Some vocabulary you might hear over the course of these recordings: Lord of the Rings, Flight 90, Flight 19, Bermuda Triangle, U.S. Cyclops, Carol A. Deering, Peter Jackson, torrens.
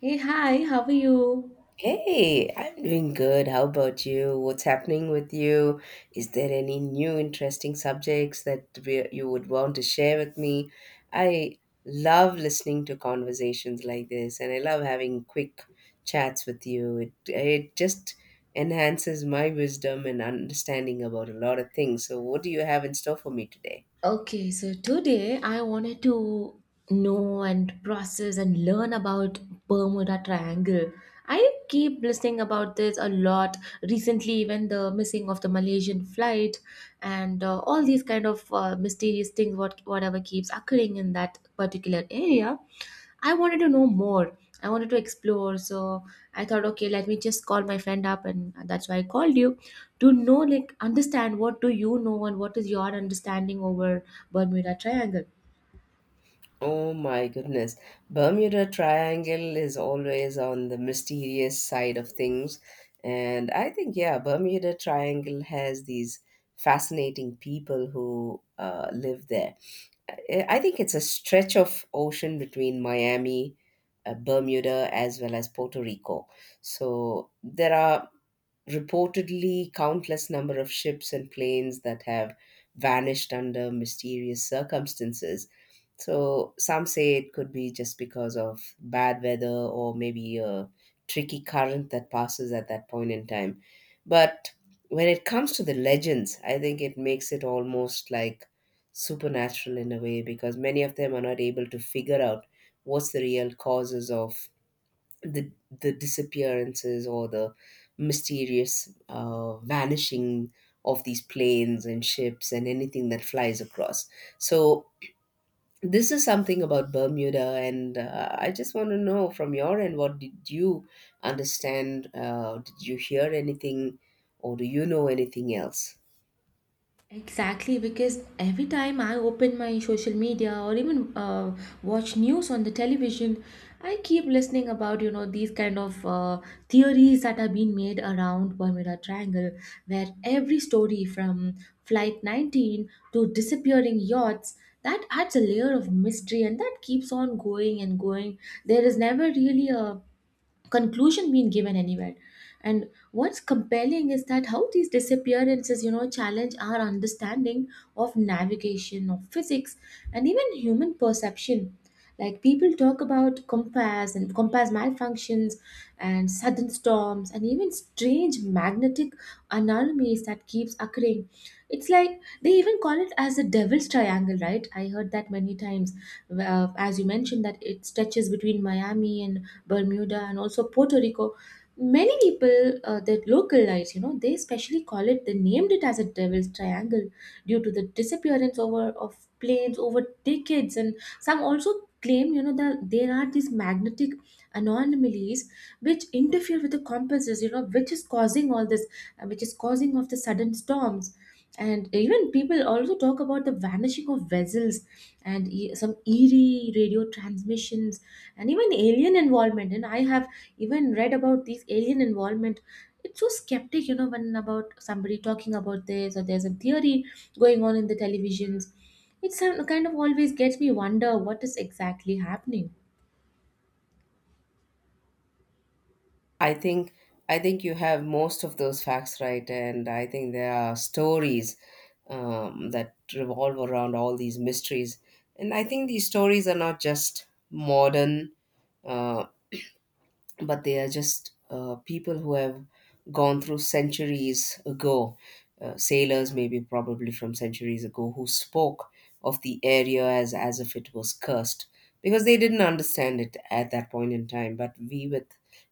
Hey, hi, how are you? Hey, I'm doing good. How about you? What's happening with you? Is there any new interesting subjects that you would want to share with me? I love listening to conversations like this, and I love having quick chats with you. It just enhances my wisdom and understanding about a lot of things. So, what do you have in store for me today? Okay, so today I wanted to know and process and learn about Bermuda Triangle. I keep listening about this a lot recently, even the missing of the Malaysian flight and all these kind of mysterious things, whatever keeps occurring in that particular area. I wanted to know more. I wanted to explore. So I thought, okay, let me just call my friend up, and that's why I called you to know, like, understand what do you know and what is your understanding over Bermuda Triangle. Oh my goodness. Bermuda Triangle is always on the mysterious side of things. And I think, yeah, Bermuda Triangle has these fascinating people who live there. I think it's a stretch of ocean between Miami, Bermuda, as well as Puerto Rico. So there are reportedly countless number of ships and planes that have vanished under mysterious circumstances. So some say it could be just because of bad weather or maybe a tricky current that passes at that point in time. But when it comes to the legends, I think it makes it almost like supernatural in a way because many of them are not able to figure out what's the real causes of the the disappearances or the mysterious vanishing of these planes and ships and anything that flies across. So this is something about Bermuda, and I just want to know from your end, what did you understand? Did you hear anything, or do you know anything else? Exactly, because every time I open my social media or even watch news on the television, I keep listening about these kind of theories that are being made around Bermuda Triangle, where every story from Flight 19 to disappearing yachts that adds a layer of mystery and that keeps on going and going. There is never really a conclusion being given anywhere, and what's compelling is that how these disappearances challenge our understanding of navigation, of physics, and even human perception, like people talk about compass and compass malfunctions and sudden storms and even strange magnetic anomalies that keeps occurring. It's like they even call it as the devil's triangle, right? I heard that many times. As you mentioned, that it stretches between Miami and Bermuda, and also Puerto Rico. Many people that localize, they especially call it, they named it as a devil's triangle due to the disappearance over of planes over decades, and some also claim that there are these magnetic anomalies which interfere with the compasses, which is causing all this, which is causing of the sudden storms. And even people also talk about the vanishing of vessels and some eerie radio transmissions and even alien involvement. And I have even read about these alien involvement. It's so skeptic, when about somebody talking about this, or there's a theory going on in the televisions. It's kind of always gets me wonder what is exactly happening. I think I think you have most of those facts right, and I think there are stories that revolve around all these mysteries. And I think these stories are not just modern, uh, but they are just people who have gone through centuries ago. Sailors, maybe probably from centuries ago, who spoke of the area as if it was cursed because they didn't understand it at that point in time. But we, with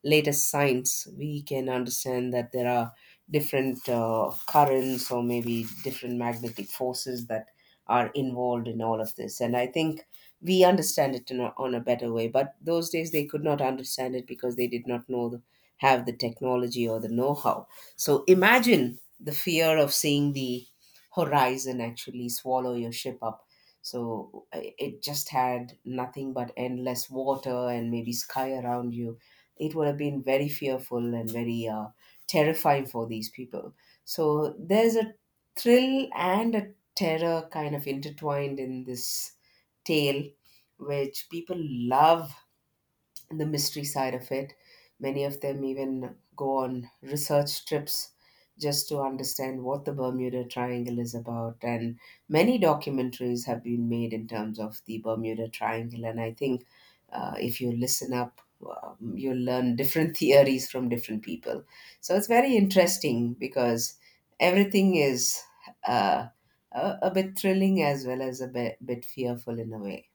latest science, we can understand that there are different currents or maybe different magnetic forces that are involved in all of this. And I think we understand it in on a better way, but those days they could not understand it because they did not know have the technology or the know-how. So imagine the fear of seeing the horizon actually swallow your ship up. So it just had nothing but endless water and maybe sky around you. It would have been very fearful and very terrifying for these people. So there's a thrill and a terror kind of intertwined in this tale, which people love, the mystery side of it. Many of them even go on research trips just to understand what the Bermuda Triangle is about. And many documentaries have been made in terms of the Bermuda Triangle. And I think if you listen up, you'll learn different theories from different people. So it's very interesting because everything is uh, a bit thrilling as well as a bit fearful in a way.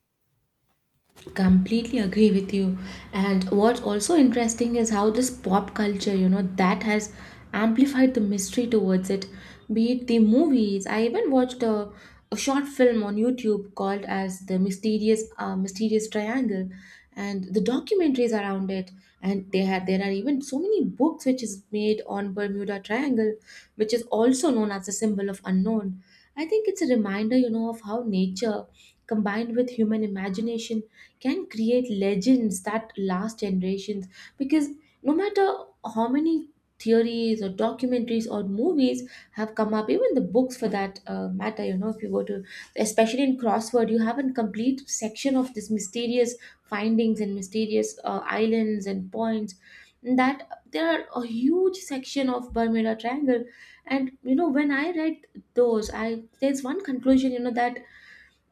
Completely agree with you. And what's also interesting is how this pop culture, that has amplified the mystery towards it, be it the movies. I even watched a short film on YouTube called as the mysterious triangle, and the documentaries around it. And they had there are even so many books which is made on Bermuda Triangle, which is also known as the symbol of unknown. I think it's a reminder, of how nature combined with human imagination can create legends that last generations. Because no matter how many theories or documentaries or movies have come up, even the books for that matter, if you go to, especially in Crossword, you have a complete section of this mysterious findings and mysterious islands and points, that there are a huge section of Bermuda Triangle. And when I read those, I there's one conclusion, that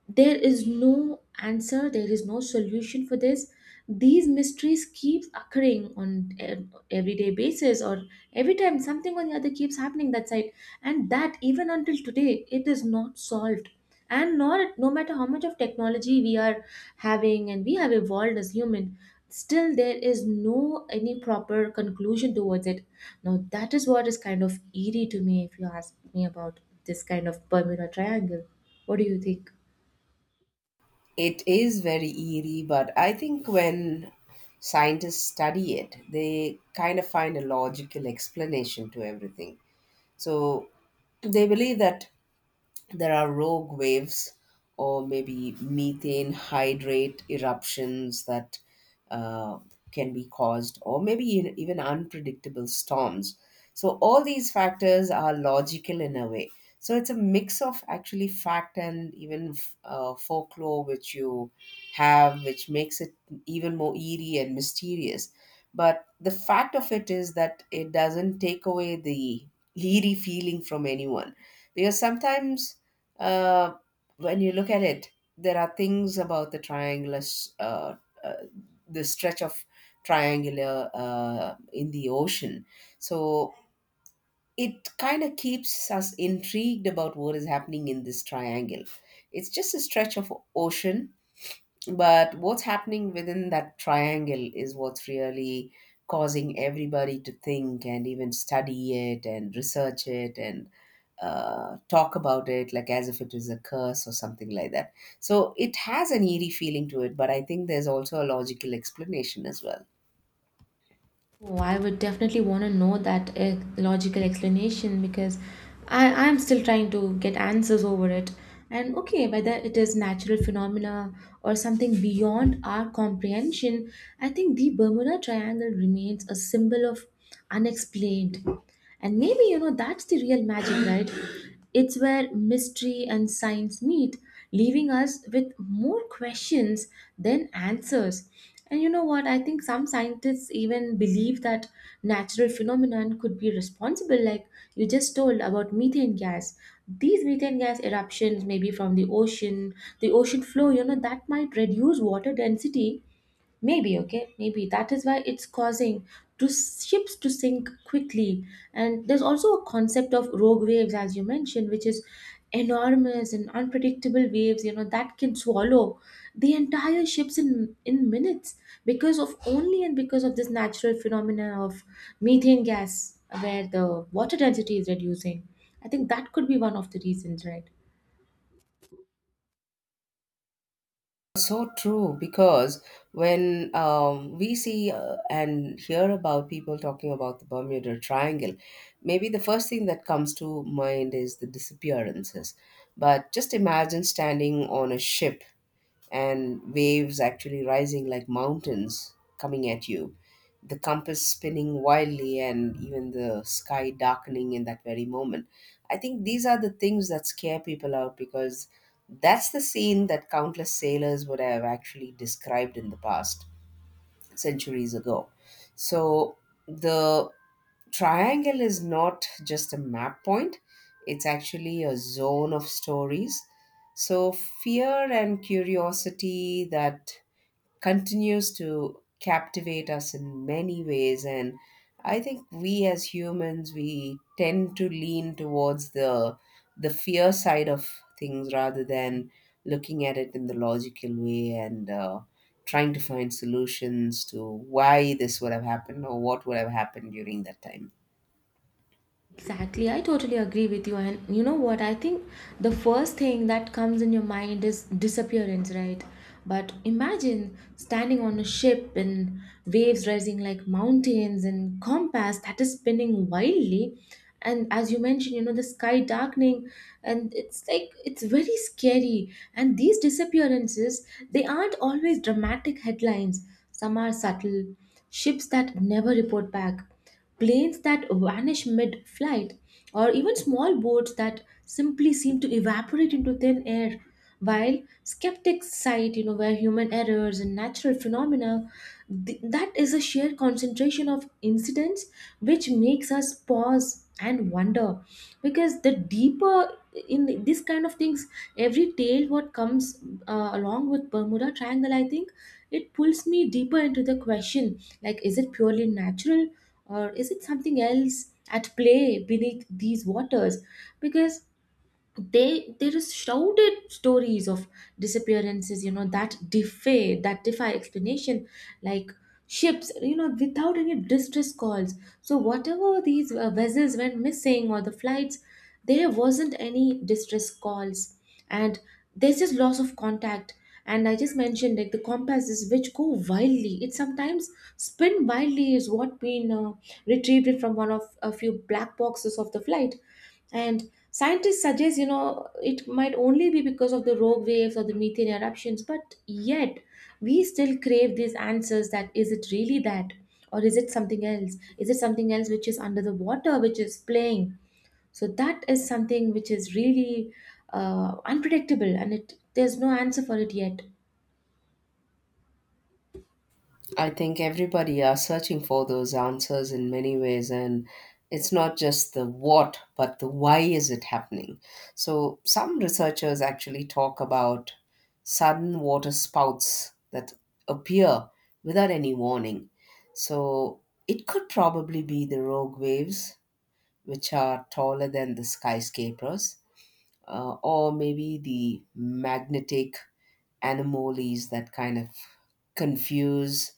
there is no answer, there is no solution for this. These mysteries keeps occurring on everyday basis, or every time something or the other keeps happening that side. And that even until today it is not solved. And not no matter how much of technology we are having and we have evolved as human, still there is no any proper conclusion towards it. Now that is what is kind of eerie to me, if you ask me about this kind of Bermuda Triangle. What do you think? It is very eerie, but I think when scientists study it, they kind of find a logical explanation to everything. So they believe that there are rogue waves or maybe methane hydrate eruptions that uh, can be caused, or maybe even unpredictable storms. So, all these factors are logical in a way. So, it's a mix of actually fact and even folklore, which you have, which makes it even more eerie and mysterious. But the fact of it is that it doesn't take away the eerie feeling from anyone because sometimes uh, when you look at it, there are things about the uh, the stretch of triangular in the ocean. So it kind of keeps us intrigued about what is happening in this triangle. It's just a stretch of ocean, but what's happening within that triangle is what's really causing everybody to think and even study it and research it and talk about it like as if it is a curse or something like that. So it has an eerie feeling to it, but I think there's also a logical explanation as well. Oh, I would definitely want to know that logical explanation, because I'm still trying to get answers over it. And okay, whether it is natural phenomena or something beyond our comprehension, I think the Bermuda Triangle remains a symbol of unexplained. And maybe that's the real magic, right? It's where mystery and science meet, leaving us with more questions than answers. And you know what? I think some scientists even believe that natural phenomenon could be responsible, like you just told about methane gas. These methane gas eruptions, maybe from the ocean floor, that might reduce water density. Maybe, okay, maybe that is why it's causing to ships to sink quickly. And there's also a concept of rogue waves, as you mentioned, which is enormous and unpredictable waves, that can swallow the entire ships in minutes because of only and because of this natural phenomena of methane gas where the water density is reducing. I think that could be one of the reasons, right? So true, because when we see and hear about people talking about the Bermuda Triangle, maybe the first thing that comes to mind is the disappearances. But just imagine standing on a ship and waves actually rising like mountains coming at you, the compass spinning wildly, and even the sky darkening in that very moment. I think these are the things that scare people out because that's the scene that countless sailors would have actually described in the past, centuries ago. So, the triangle is not just a map point, it's actually a zone of stories. So fear and curiosity that continues to captivate us in many ways. And I think we, as humans, we tend to lean towards the fear side of things rather than looking at it in the logical way and trying to find solutions to why this would have happened or what would have happened during that time. Exactly, I totally agree with you. And you know what? I think the first thing that comes in your mind is disappearance, right? But imagine standing on a ship, and waves rising like mountains, and compass that is spinning wildly. And as you mentioned, the sky darkening, and it's like it's very scary. And these disappearances, they aren't always dramatic headlines. Some are subtle, ships that never report back, planes that vanish mid flight, or even small boats that simply seem to evaporate into thin air. While skeptics cite, where human errors and natural phenomena, that is a sheer concentration of incidents which makes us pause and wonder. Because the deeper in this kind of things, every tale what comes along with Bermuda Triangle, I think it pulls me deeper into the question, like, is it purely natural? Or is it something else at play beneath these waters? Because they there is shouted stories of disappearances that defy explanation. Like ships, without any distress calls. So whatever these vessels went missing, or the flights, there wasn't any distress calls, and there's just loss of contact. And I just mentioned, like, the compasses which go wildly, it sometimes spin wildly, is what been retrieved from one of a few black boxes of the flight. And scientists suggest, it might only be because of the rogue waves or the methane eruptions, but yet we still crave these answers that is it really that? Or is it something else? Is it something else which is under the water, which is playing? So that is something which is really unpredictable, and it there's no answer for it yet. I think everybody are searching for those answers in many ways, and it's not just the what, but the why is it happening. So some researchers actually talk about sudden water spouts that appear without any warning. So it could probably be the rogue waves, which are taller than the skyscrapers, or maybe the magnetic anomalies that kind of confuse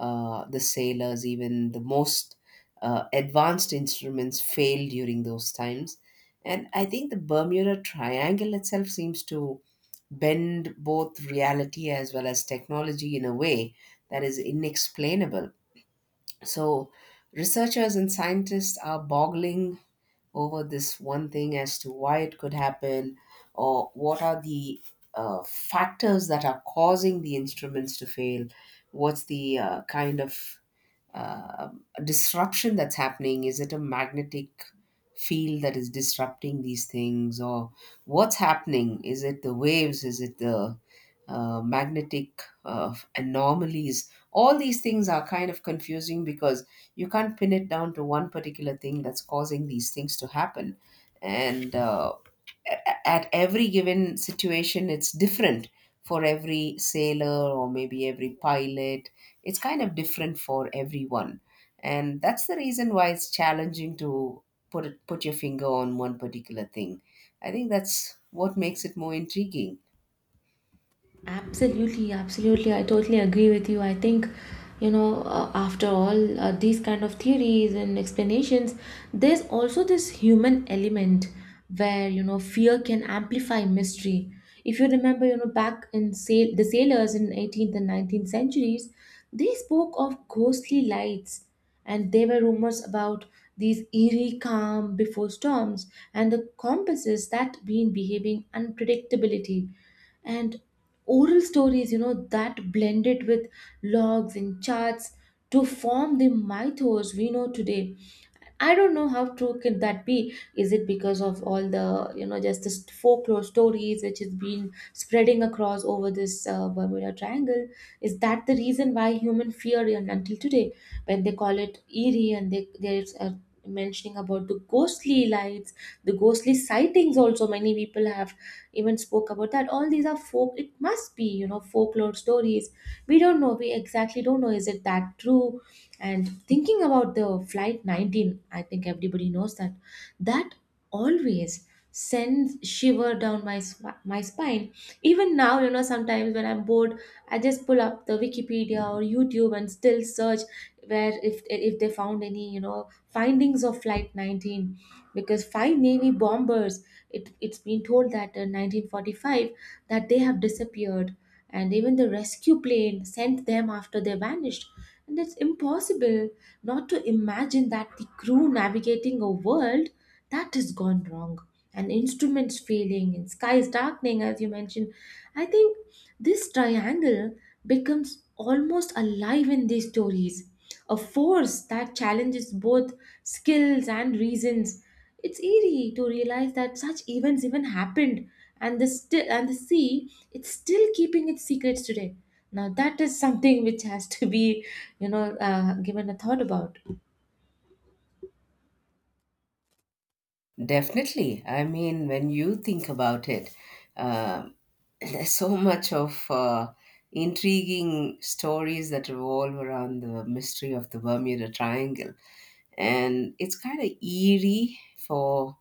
the sailors. Even the most advanced instruments fail during those times. And I think the Bermuda Triangle itself seems to bend both reality as well as technology in a way that is inexplainable. So, researchers and scientists are boggling over this one thing as to why it could happen or what are the factors that are causing the instruments to fail. What's the kind of uh, disruption that's happening? Is it a magnetic field that is disrupting these things, or what's happening? Is it the waves? Is it the magnetic anomalies? All these things are kind of confusing because you can't pin it down to one particular thing that's causing these things to happen. And at every given situation it's different for every sailor or maybe every pilot. It's kind of different for everyone, and that's the reason why it's challenging to put your finger on one particular thing. I think that's what makes it more intriguing. Absolutely, absolutely. I totally agree with you. I think, after all these kind of theories and explanations, there's also this human element where, fear can amplify mystery. If you remember, back in the sailors in 18th and 19th centuries, they spoke of ghostly lights, and there were rumors about these eerie calm before storms and the compasses that been behaving unpredictability and oral stories, that blend it with logs and charts to form the mythos we know today. I don't know how true can that be. Is it because of all the, just the folklore stories which has been spreading across over this Bermuda Triangle? Is that the reason why human fear, and until today when they call it eerie, and there's a mentioning about the ghostly lights, the ghostly sightings? Also many people have even spoke about that all these are folk, it must be, folklore stories. We don't know, we exactly don't know, is it that true? And thinking about the Flight 19, I think everybody knows that always sends shiver down my spine. Even now, sometimes when I'm bored, I just pull up the Wikipedia or YouTube and still search where, if they found any, findings of Flight 19, because five Navy bombers, it's been told that in 1945 that they have disappeared, and even the rescue plane sent them after they vanished. And it's impossible not to imagine that the crew navigating a world that has gone wrong, and instruments failing, and skies darkening, as you mentioned. I think this triangle becomes almost alive in these stories, a force that challenges both skills and reasons. It's eerie to realize that such events even happened, and the still and the sea, it's still keeping its secrets today. Now that is something which has to be, given a thought about. Definitely. I mean, when you think about it, um there's so much of intriguing stories that revolve around the mystery of the Bermuda Triangle. And it's kind of eerie for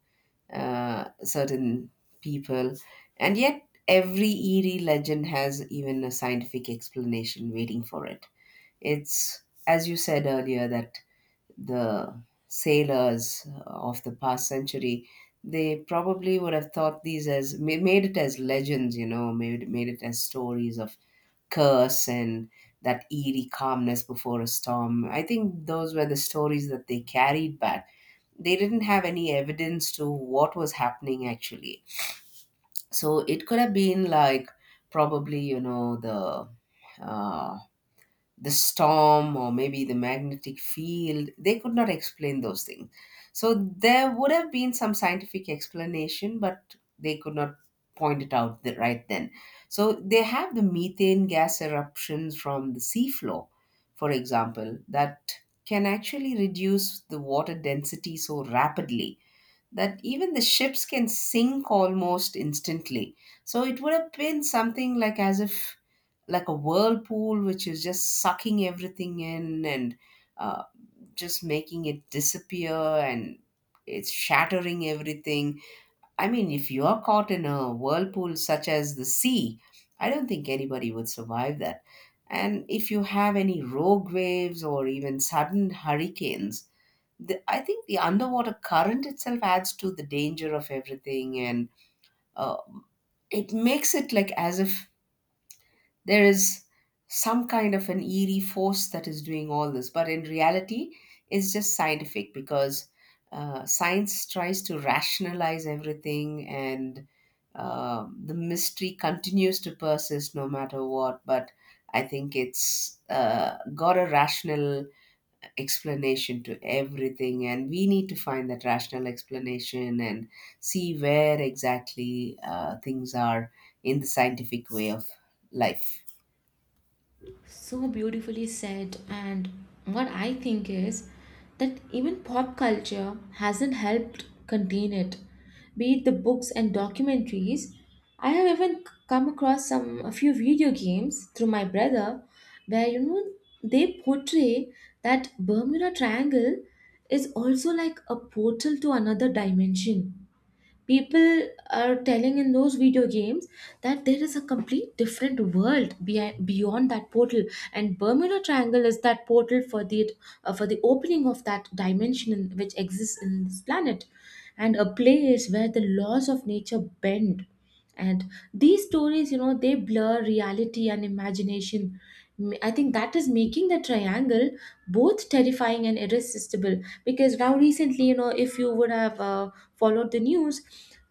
certain people. And yet, every eerie legend has even a scientific explanation waiting for it. It's, as you said earlier, that the sailors of the past century, they probably would have thought these as made it as legends, you know, made it as stories of curse and that eerie calmness before a storm. I think those were the stories that they carried back. They didn't have any evidence to what was happening actually. So it could have been like probably, you know, uh, the storm or maybe the magnetic field, they could not explain those things. So there would have been some scientific explanation, but they could not point it out right then. So they have the methane gas eruptions from the seafloor, for example, that can actually reduce the water density so rapidly that even the ships can sink almost instantly. So it would have been something like as if like a whirlpool which is just sucking everything in and uh, just making it disappear and it's shattering everything. I mean, if you are caught in a whirlpool such as the sea, I don't think anybody would survive that. And if you have any rogue waves or even sudden hurricanes, I think the underwater current itself adds to the danger of everything. And uh, it makes it like as if there is some kind of an eerie force that is doing all this, but in reality it's just scientific because science tries to rationalize everything and the mystery continues to persist no matter what. But I think it's got a rational explanation to everything and we need to find that rational explanation and see where exactly things are in the scientific way of life. So beautifully said. And what I think is that even pop culture hasn't helped contain it. Be it the books and documentaries, I have even come across some a few video games through my brother where they portray that Bermuda Triangle is also like a portal to another dimension. People are telling in those video games that there is a complete different world behind, beyond that portal, and Bermuda Triangle is that portal for the opening of that dimension in, which exists in this planet, and a place where the laws of nature bend. And these stories, they blur reality and imagination. I think that is making the triangle both terrifying and irresistible. Because now recently, if you would have followed the news,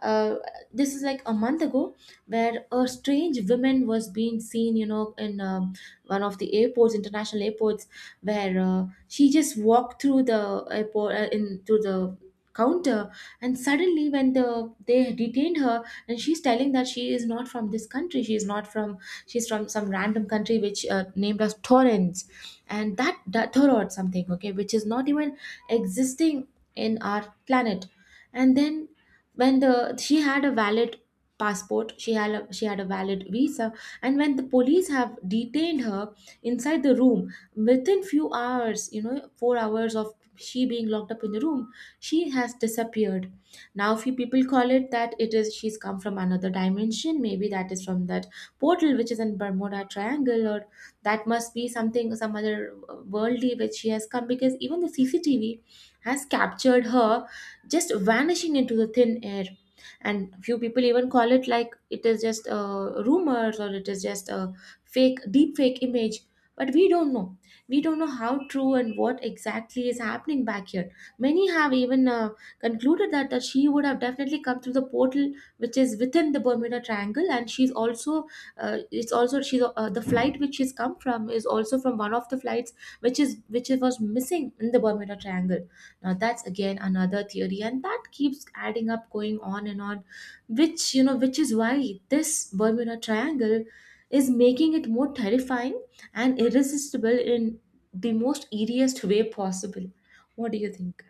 uh, this is like a month ago where a strange woman was being seen, in one of the airports, international airports, where she just walked through the airport in through the counter. And suddenly when they detained her, and she's telling that she is not from this country, she is not from, she's from some random country which named as Torrens and that, that or something, okay, which is not even existing in our planet. And then when the she had a valid passport, she had a valid visa, and when the police have detained her inside the room, within few hours, you know, 4 hours of she being locked up in the room, she has disappeared. Now few people call it that it is, she's come from another dimension, maybe that is from that portal which is in Bermuda Triangle, or that must be something, some other worldly which she has come, because even the CCTV has captured her just vanishing into the thin air. And few people even call it like it is just rumors, or it is just a fake, deep fake image. But we don't know, we don't know how true and what exactly is happening back here. Many have even concluded that she would have definitely come through the portal which is within the Bermuda Triangle. And she's also it's also she's the flight which she's come from is also from one of the flights which is which was missing in the Bermuda Triangle. Now that's again another theory, and that keeps adding up, going on and on, which, you know, which is why this Bermuda Triangle is making it more terrifying and irresistible in the most eeriest way possible. What do you think?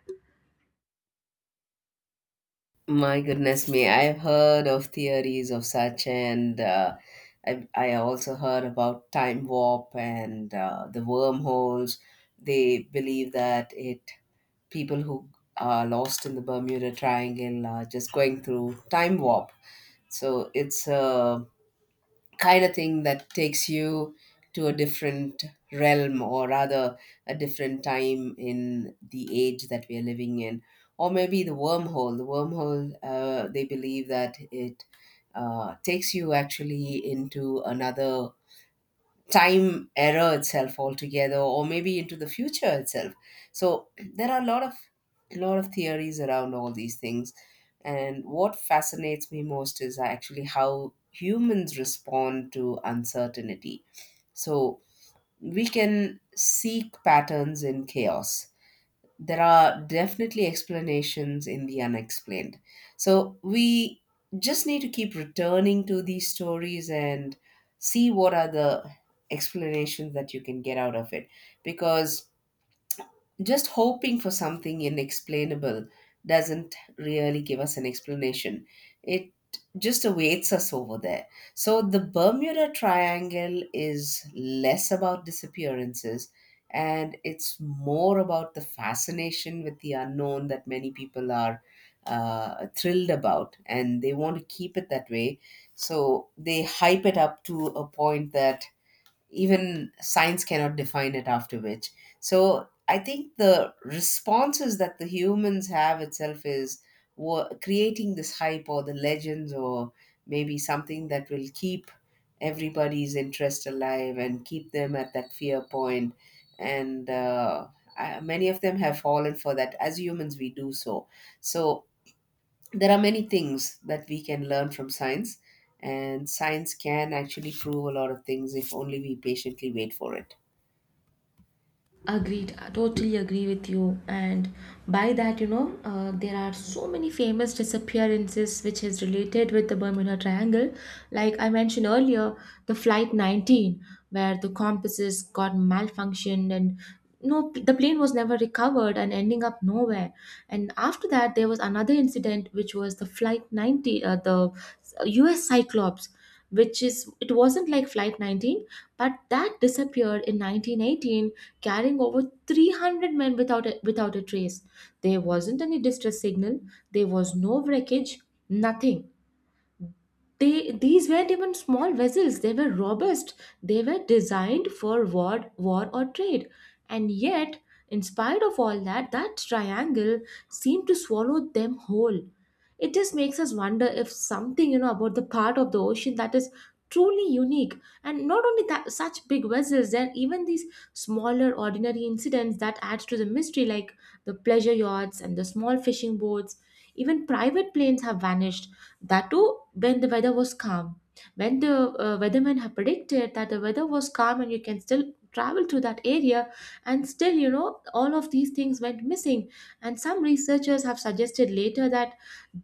My goodness me, I've heard of theories of such, and I also heard about time warp and the wormholes. They believe that it people who are lost in the Bermuda Triangle are just going through time warp. So it's a kind of thing that takes you to a different realm, or rather a different time in the age that we are living in, or maybe the wormhole. They believe that it takes you actually into another time error itself altogether, or maybe into the future itself. So there are a lot of theories around all these things, and what fascinates me most is actually how humans respond to uncertainty. So we can seek patterns in chaos. There are definitely explanations in the unexplained. So we just need to keep returning to these stories and see what are the explanations that you can get out of it, because just hoping for something inexplainable doesn't really give us an explanation. It just awaits us over there. So the Bermuda Triangle is less about disappearances, and it's more about the fascination with the unknown that many people are thrilled about, and they want to keep it that way. So they hype it up to a point that even science cannot define it, after which, so I think the responses that the humans have itself is creating this hype or the legends, or maybe something that will keep everybody's interest alive and keep them at that fear point. and uh, Many of them have fallen for that. As humans, we do. So, so there are many things that we can learn from science, and science can actually prove a lot of things if only we patiently wait for it. Agreed, I totally agree with you. And by that, you know, there are so many famous disappearances which is related with the Bermuda Triangle. Like I mentioned earlier, the Flight 19, where the compasses got malfunctioned and no, the plane was never recovered and ending up nowhere. And after that, there was another incident, which was the Flight 90, the U.S. Cyclops, which is, it wasn't like Flight 19, but that disappeared in 1918 carrying over 300 men without a, without a trace. There wasn't any distress signal, there was no wreckage, nothing. They, these weren't even small vessels, they were robust, they were designed for war or trade. And yet, in spite of all that, that triangle seemed to swallow them whole. It just makes us wonder if something, you know, about the part of the ocean that is truly unique. And not only that such big vessels, there are even these smaller ordinary incidents that adds to the mystery, like the pleasure yachts and the small fishing boats. Even private planes have vanished, that too, when the weather was calm. When the weathermen have predicted that the weather was calm and you can still travel to that area, and still, you know, all of these things went missing. And some researchers have suggested later that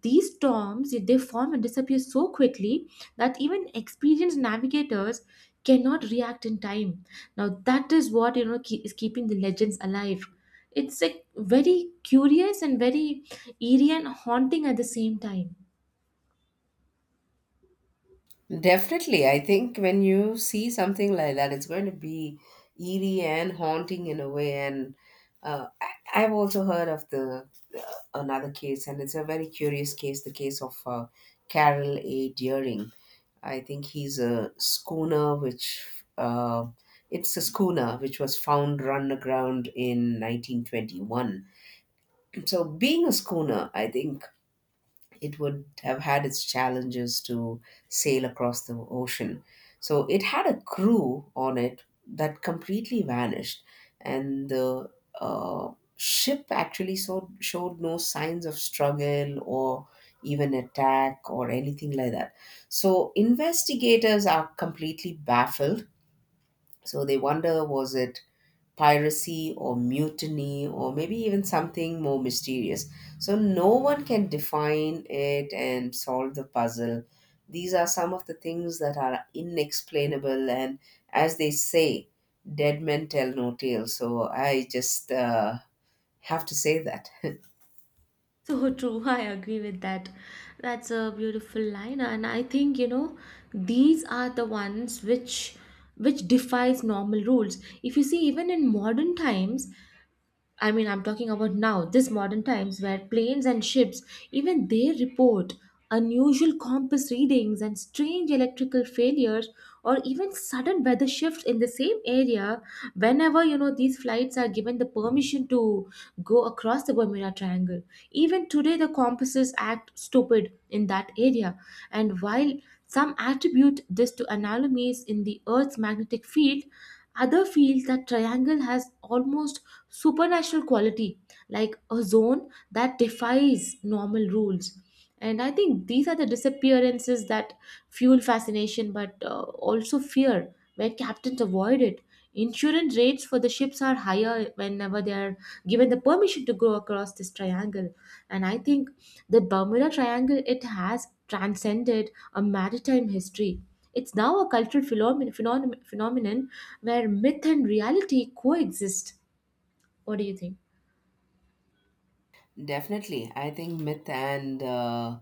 these storms, they form and disappear so quickly that even experienced navigators cannot react in time. Now that is what, you know, is keeping the legends alive. It's like very curious and very eerie and haunting at the same time. Definitely. I think when you see something like that, it's going to be eerie and haunting in a way. And uh, I've also heard of the uh, another case, and it's a very curious case, the case of Carol A. Deering. I think he's a schooner, which uh, it's a schooner which was found run aground in 1921. So, being a schooner, I think it would have had its challenges to sail across the ocean. So it had a crew on it that completely vanished, and the uh, ship actually, so, showed no signs of struggle or even attack or anything like that. So investigators are completely baffled. So they wonder, was it piracy or mutiny, or maybe even something more mysterious? So no one can define it and solve the puzzle. These are some of the things that are inexplainable, and as they say, dead men tell no tales. So I just have to say that. So true, I agree with that. That's a beautiful line, and I think, you know, these are the ones which defies normal rules. If you see, even in modern times, I mean, I'm talking about now, this modern times where planes and ships, even they report unusual compass readings and strange electrical failures or even sudden weather shifts in the same area whenever, you know, these flights are given the permission to go across the Bermuda Triangle. Even today the compasses act stupid in that area. And while some attribute this to anomalies in the earth's magnetic field, other feel that triangle has almost supernatural quality, like a zone that defies normal rules. And I think these are the disappearances that fuel fascination but also fear where captains avoid it. Insurance rates for the ships are higher whenever they are given the permission to go across this triangle. And I think the Bermuda Triangle, it has transcended a maritime history. It's now a cultural phenomenon where myth and reality coexist. What do you think? Definitely. I think myth and, uh,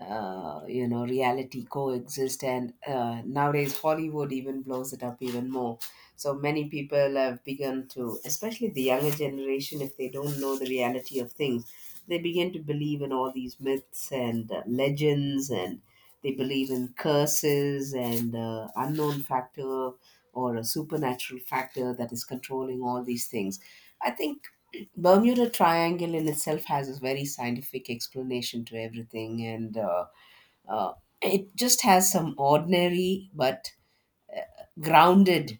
uh, you know, reality coexist. And nowadays, Hollywood even blows it up even more. So many people have begun to, especially the younger generation, if they don't know the reality of things, they begin to believe in all these myths and legends, and they believe in curses and unknown factor, or a supernatural factor that is controlling all these things. I think Bermuda Triangle in itself has a very scientific explanation to everything, and uh, it just has some ordinary but grounded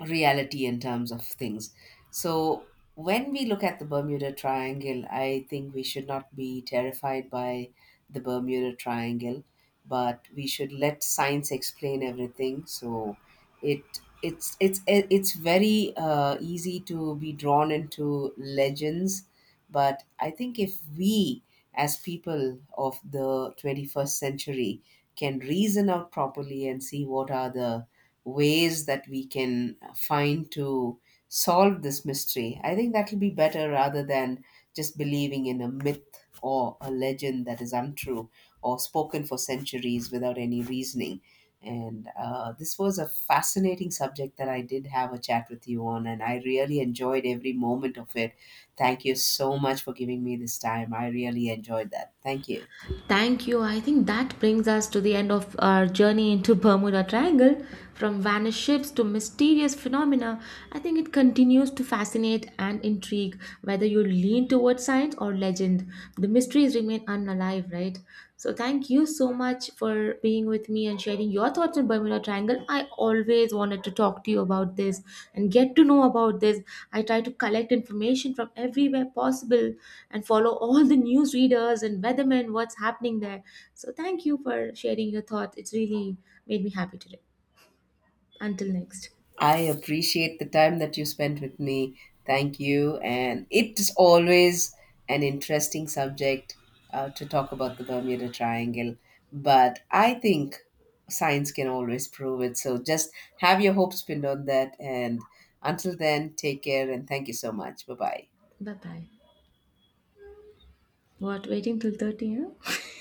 reality in terms of things. So when we look at the Bermuda Triangle, I think we should not be terrified by the Bermuda Triangle, but we should let science explain everything. So it, it's very easy to be drawn into legends, but I think if we, as people of the 21st century, can reason out properly and see what are the ways that we can find to solve this mystery. I think that will be better rather than just believing in a myth or a legend that is untrue or spoken for centuries without any reasoning. And this was a fascinating subject that I did have a chat with you on, and I really enjoyed every moment of it. Thank you so much for giving me this time. I really enjoyed that. Thank you. Thank you. I think that brings us to the end of our journey into Bermuda Triangle. From vanished ships to mysterious phenomena, I think it continues to fascinate and intrigue, whether you lean towards science or legend. The mysteries remain unalive, right? So, thank you so much for being with me and sharing your thoughts on Bermuda Triangle. I always wanted to talk to you about this and get to know about this. I try to collect information from everywhere possible and follow all the news readers and weathermen what's happening there. So thank you for sharing your thoughts. It's really made me happy today. Until next. I appreciate the time that you spent with me. Thank you. And it is always an interesting subject to talk about the Bermuda Triangle. But I think science can always prove it. So just have your hopes pinned on that. And until then, take care and thank you so much. Bye bye. Bye bye. What waiting till 30, huh?